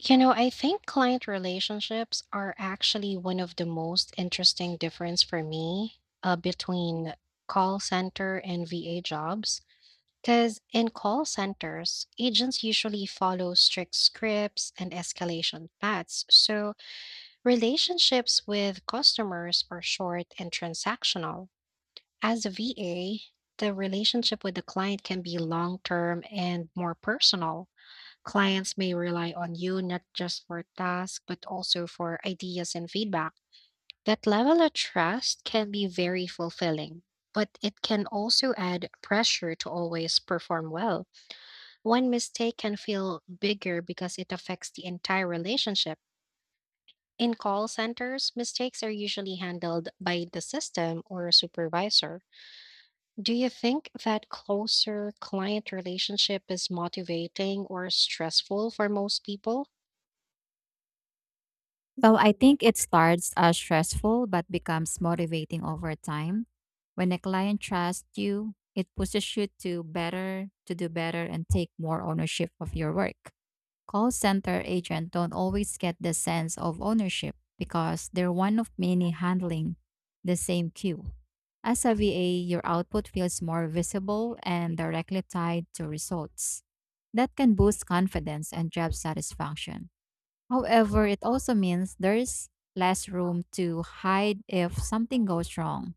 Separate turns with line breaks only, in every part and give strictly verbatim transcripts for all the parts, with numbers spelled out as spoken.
You know, I think client relationships are actually one of the most interesting difference for me uh, between call center and V A jobs. Because in call centers, agents usually follow strict scripts and escalation paths. So relationships with customers are short and transactional. As a V A, the relationship with the client can be long term and more personal. Clients may rely on you not just for tasks, but also for ideas and feedback. That level of trust can be very fulfilling, but it can also add pressure to always perform well. One mistake can feel bigger because it affects the entire relationship. In call centers, mistakes are usually handled by the system or a supervisor. Do you think that closer client relationship is motivating or stressful for most people?
Well, I think it starts as stressful but becomes motivating over time. When a client trusts you, it pushes you to better, to do better and take more ownership of your work. Call center agents don't always get the sense of ownership because they're one of many handling the same queue. As a V A, your output feels more visible and directly tied to results. That can boost confidence and job satisfaction. However, it also means there's less room to hide if something goes wrong.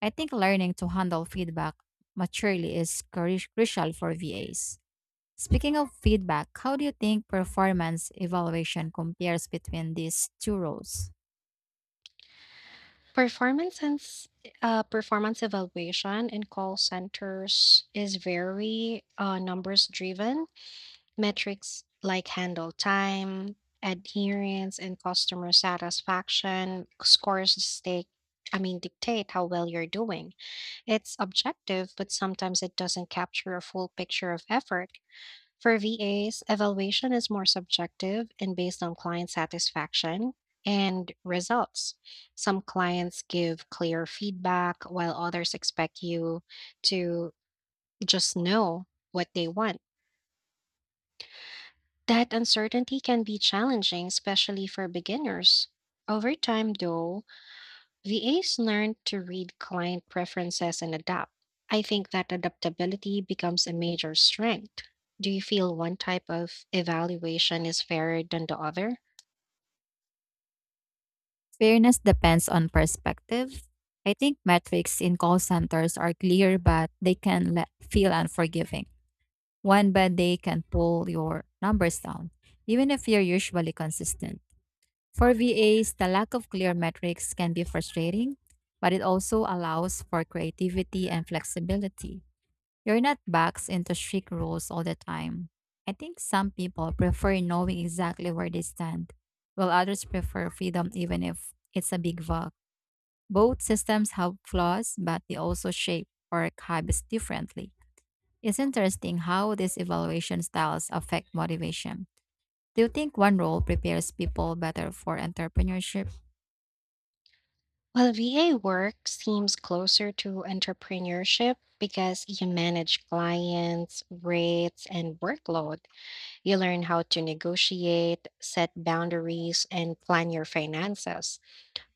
I think learning to handle feedback maturely is cru- crucial for V As. Speaking of feedback, how do you think performance evaluation compares between these two roles?
Performance and s- uh, Performance evaluation in call centers is very uh, numbers driven. Metrics like handle time, adherence, and customer satisfaction scores stake. I mean, dictate how well you're doing. It's objective, but sometimes it doesn't capture a full picture of effort. For V As, evaluation is more subjective and based on client satisfaction and results. Some clients give clear feedback, while others expect you to just know what they want. That uncertainty can be challenging, especially for beginners. Over time, though, V As learn to read client preferences and adapt. I think that adaptability becomes a major strength. Do you feel one type of evaluation is fairer than the other?
Fairness depends on perspective. I think metrics in call centers are clear, but they can le- feel unforgiving. One bad day can pull your numbers down, even if you're usually consistent. For V As, the lack of clear metrics can be frustrating, but it also allows for creativity and flexibility. You're not boxed into strict rules all the time. I think some people prefer knowing exactly where they stand, while others prefer freedom even if it's a big vlog. Both systems have flaws, but they also shape work habits differently. It's interesting how these evaluation styles affect motivation. Do you think one role prepares people better for entrepreneurship?
Well, V A work seems closer to entrepreneurship because you manage clients, rates, and workload. You learn how to negotiate, set boundaries, and plan your finances.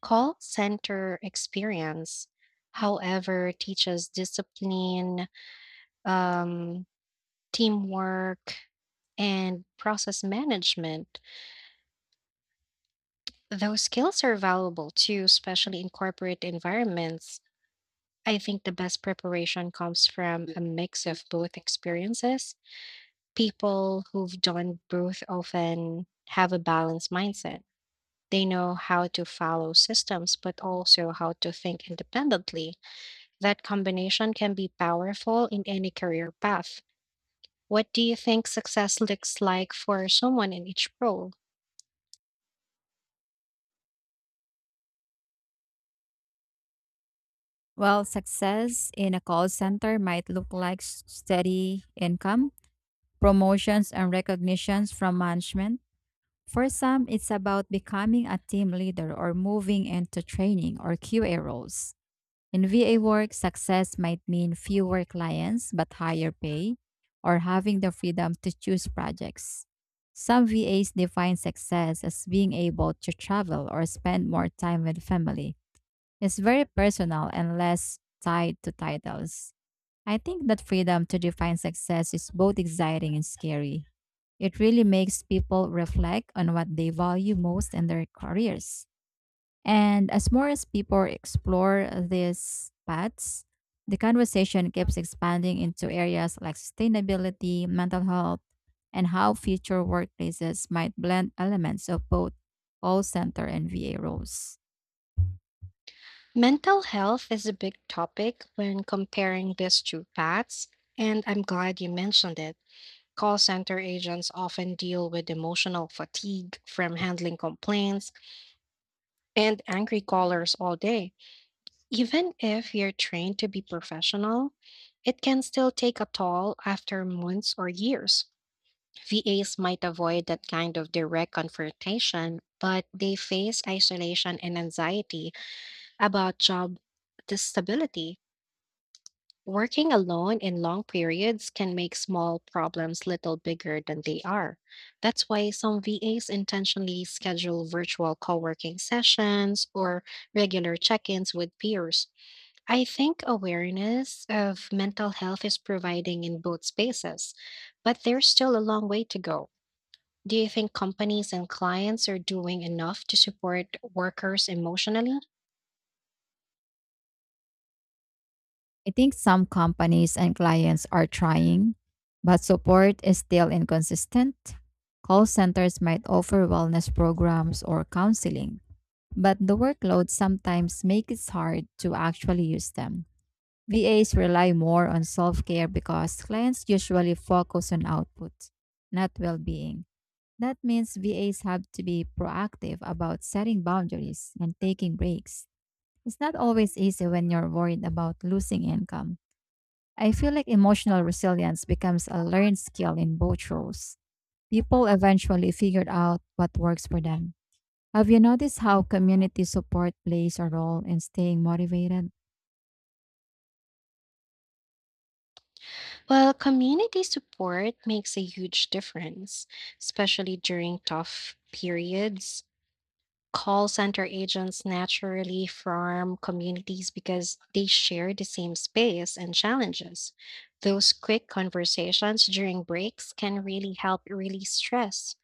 Call center experience, however, teaches discipline, um, teamwork, and process management. Those skills are valuable too, especially in corporate environments. I think the best preparation comes from a mix of both experiences. People who've done both often have a balanced mindset. They know how to follow systems, but also how to think independently. That combination can be powerful in any career path. What do you think success looks like for someone in each role?
Well, success in a call center might look like s- steady income, promotions, and recognitions from management. For some, it's about becoming a team leader or moving into training or Q A roles. In V A work, success might mean fewer clients but higher pay or having the freedom to choose projects. Some V As define success as being able to travel or spend more time with family. It's very personal and less tied to titles. I think that freedom to define success is both exciting and scary. It really makes people reflect on what they value most in their careers. And as more as people explore these paths, the conversation keeps expanding into areas like sustainability, mental health, and how future workplaces might blend elements of both call center and V A roles.
Mental health is a big topic when comparing these two paths, and I'm glad you mentioned it. Call center agents often deal with emotional fatigue from handling complaints and angry callers all day. Even if you're trained to be professional, it can still take a toll after months or years. V As might avoid that kind of direct confrontation, but they face isolation and anxiety about job stability. Working alone in long periods can make small problems little bigger than they are. That's why some V As intentionally schedule virtual co working sessions or regular check ins with peers. I think awareness of mental health is providing in both spaces, but there's still a long way to go. Do you think companies and clients are doing enough to support workers emotionally?
I think some companies and clients are trying, but support is still inconsistent. Call centers might offer wellness programs or counseling, but the workload sometimes makes it hard to actually use them. V As rely more on self care because clients usually focus on output, not well being. That means V As have to be proactive about setting boundaries and taking breaks. It's not always easy when you're worried about losing income. I feel like emotional resilience becomes a learned skill in both roles. People eventually figured out what works for them. Have you noticed how community support plays a role in staying motivated?
Well, community support makes a huge difference, especially during tough periods. Call center agents naturally form communities because they share the same space and challenges. Those quick conversations during breaks can really help release stress.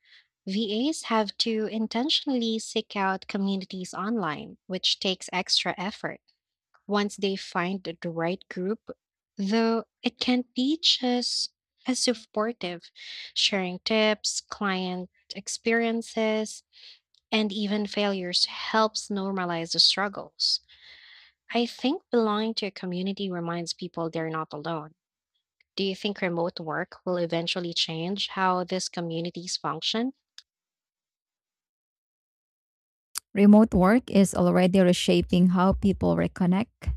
V As have to intentionally seek out communities online, which takes extra effort. Once they find the right group, though, it can be just as supportive. Sharing tips, client experiences, and even failures helps normalize the struggles. I think belonging to a community reminds people they're not alone. Do you think remote work will eventually change how these communities function?
Remote work is already reshaping how people reconnect.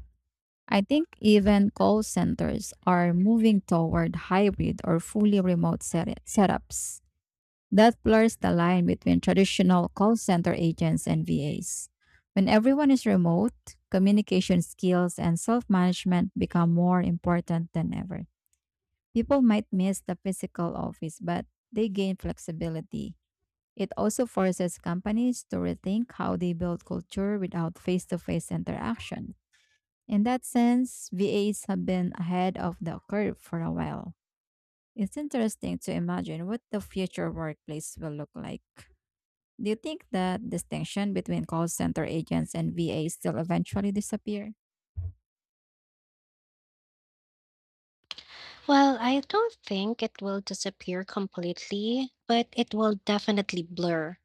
I think even call centers are moving toward hybrid or fully remote set- setups. That blurs the line between traditional call center agents and V As. When everyone is remote, communication skills and self management become more important than ever. People might miss the physical office, but they gain flexibility. It also forces companies to rethink how they build culture without face to face interaction. In that sense, V As have been ahead of the curve for a while. It's interesting to imagine what the future workplace will look like. Do you think that distinction between call center agents and V As still eventually disappear?
Well, I don't think it will disappear completely, but it will definitely blur.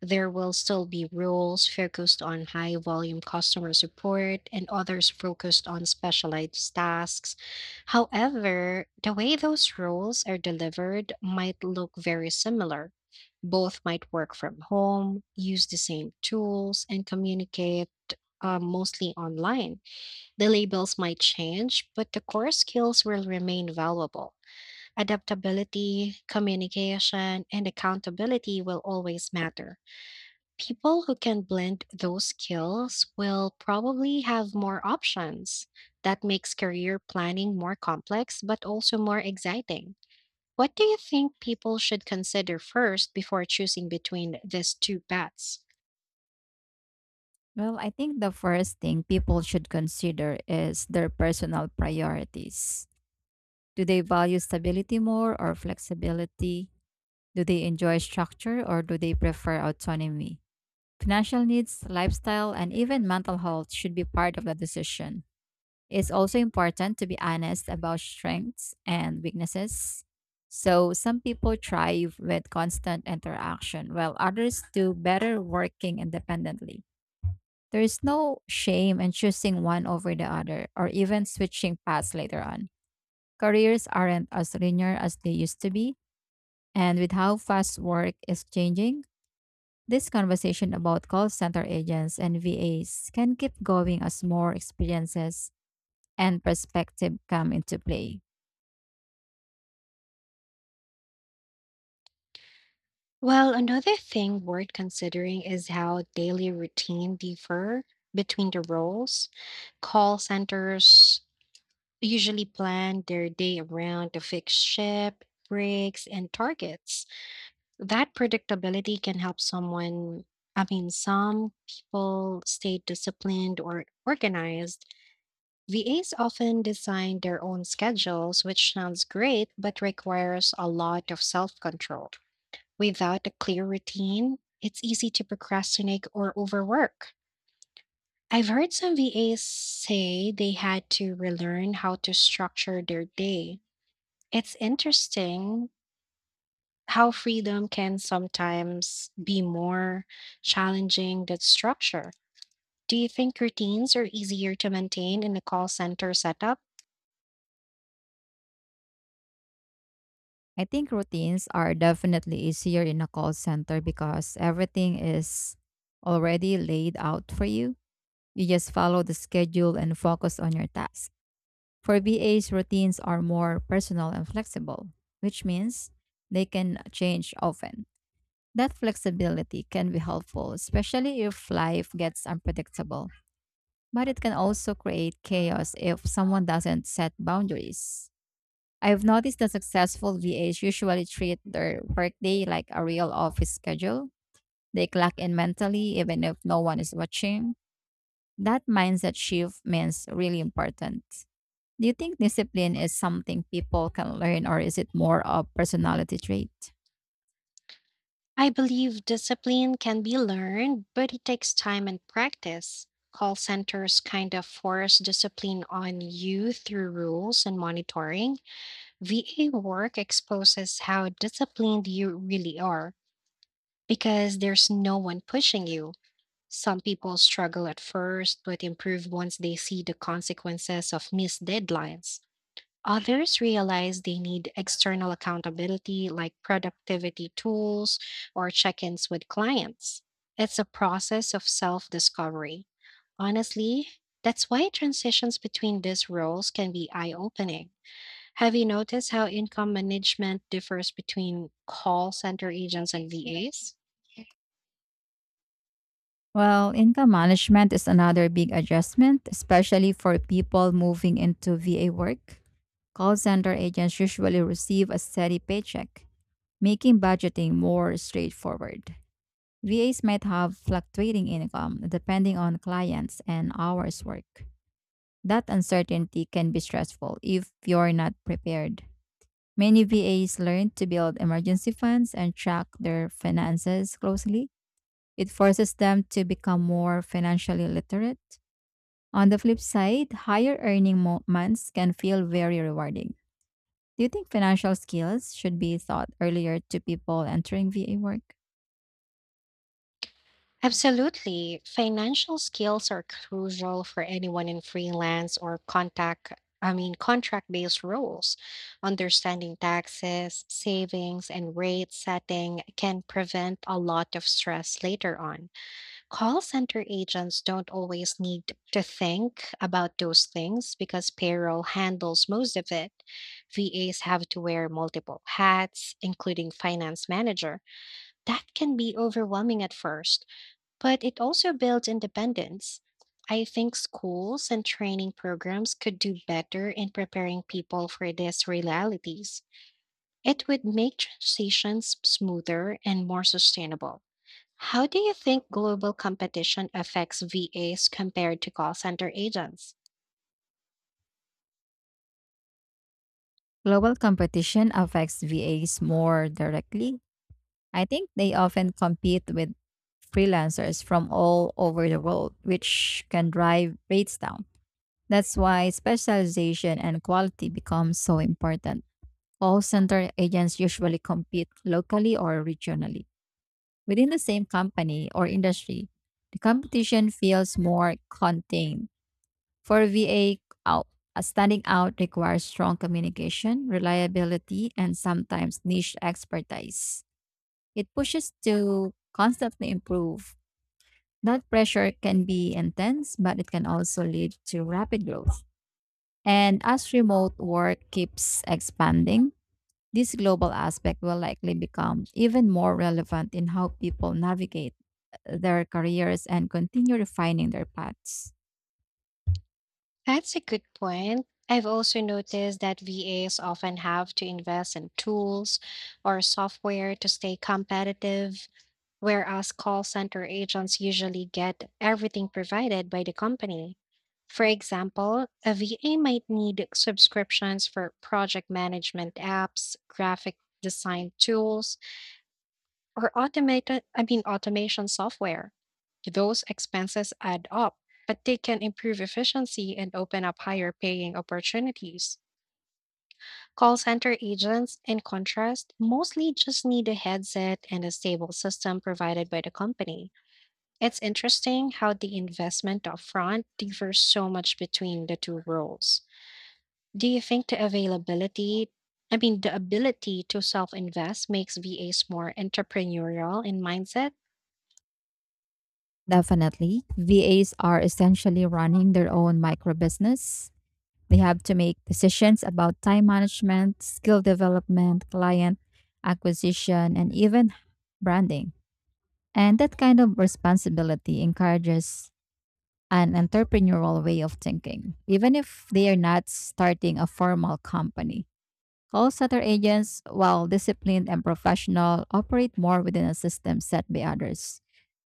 There will still be roles focused on high volume customer support and others focused on specialized tasks. However, the way those roles are delivered might look very similar. Both might work from home, use the same tools, and communicate uh, mostly online. The labels might change, but the core skills will remain valuable. Adaptability, communication, and accountability will always matter. People who can blend those skills will probably have more options. That makes career planning more complex, but also more exciting. What do you think people should consider first before choosing between these two paths?
Well, I think the first thing people should consider is their personal priorities. Do they value stability more or flexibility? Do they enjoy structure or do they prefer autonomy? Financial needs, lifestyle, and even mental health should be part of the decision. It's also important to be honest about strengths and weaknesses. So, some people thrive with constant interaction, while others do better working independently. There is no shame in choosing one over the other or even switching paths later on. Careers aren't as linear as they used to be, and with how fast work is changing, this conversation about call center agents and V As can keep going as more experiences and perspective come into play.
Well, another thing worth considering is how daily routine differ between the roles. Call centers usually plan their day around the fixed shift, breaks, and targets. That predictability can help someone I mean some people stay disciplined or organized. VAs often design their own schedules, which sounds great but requires a lot of self-control. Without a clear routine, it's easy to procrastinate or overwork. I've heard some VAs say they had to relearn how to structure their day. It's interesting how freedom can sometimes be more challenging than structure. Do you think routines are easier to maintain in a call center setup?
I think routines are definitely easier in a call center because everything is already laid out for you. You just follow the schedule and focus on your task. For V As, routines are more personal and flexible, which means they can change often. That flexibility can be helpful, especially if life gets unpredictable. But it can also create chaos if someone doesn't set boundaries. I've noticed that successful V As usually treat their workday like a real office schedule. They clock in mentally even if no one is watching. That mindset shift means really important. Do you think discipline is something people can learn or is it more a personality trait?
I believe discipline can be learned, but it takes time and practice. Call centers kind of force discipline on you through rules and monitoring. V A work exposes how disciplined you really are because there's no one pushing you. Some people struggle at first but improve once they see the consequences of missed deadlines. Others realize they need external accountability like productivity tools or check ins with clients. It's a process of self discovery. Honestly, that's why transitions between these roles can be eye opening. Have you noticed how income management differs between call center agents and V As?
Well, income management is another big adjustment, especially for people moving into V A work. Call center agents usually receive a steady paycheck, making budgeting more straightforward. V As might have fluctuating income depending on clients and hours worked. That uncertainty can be stressful if you're not prepared. Many V As learn to build emergency funds and track their finances closely. It forces them to become more financially literate. On the flip side, higher earning mo- months can feel very rewarding. Do you think financial skills should be taught earlier to people entering V A work?
Absolutely. Financial skills are crucial for anyone in freelance or contact, I mean, contract-based roles. Understanding taxes, savings, and rate setting can prevent a lot of stress later on. Call center agents don't always need to think about those things because payroll handles most of it. V As have to wear multiple hats, including finance manager. That can be overwhelming at first, but it also builds independence. I think schools and training programs could do better in preparing people for these realities. It would make transitions smoother and more sustainable. How do you think global competition affects V As compared to call center agents?
Global competition affects V As more directly. I think they often compete with freelancers from all over the world, which can drive rates down. That's why specialization and quality become so important. All center agents usually compete locally or regionally within the same company or industry. The competition feels more contained. For V A, out, uh, standing out requires strong communication, reliability, and sometimes niche expertise. It pushes to constantly improve. That pressure can be intense, but it can also lead to rapid growth. And as remote work keeps expanding, this global aspect will likely become even more relevant in how people navigate their careers and continue refining their paths.
That's a good point. I've also noticed that V As often have to invest in tools or software to stay competitive, whereas call center agents usually get everything provided by the company. For example, a V A might need subscriptions for project management apps, graphic design tools, or automated I mean automation software. Those expenses add up, but they can improve efficiency and open up higher paying opportunities. Call center agents, in contrast, mostly just need a headset and a stable system provided by the company. It's interesting how the investment upfront differs so much between the two roles. Do you think the availability, I mean, the ability to self invest makes V As more entrepreneurial in mindset?
Definitely, V As are essentially running their own micro business. They have to make decisions about time management, skill development, client acquisition, and even branding. And that kind of responsibility encourages an entrepreneurial way of thinking, even if they are not starting a formal company. Call center agents, while disciplined and professional, operate more within a system set by others.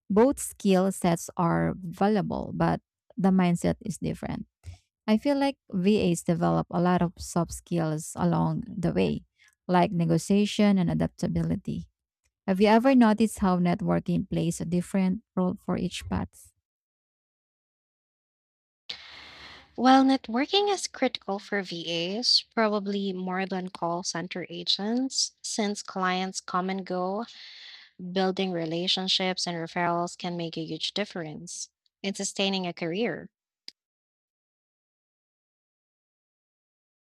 Both skill sets are valuable, but the mindset is different. I feel like V As develop a lot of soft skills along the way, like negotiation and adaptability. Have you ever noticed how networking plays a different role for each path?
While networking is critical for V As, probably more than call center agents, since clients come and go, building relationships and referrals can make a huge difference in sustaining a career.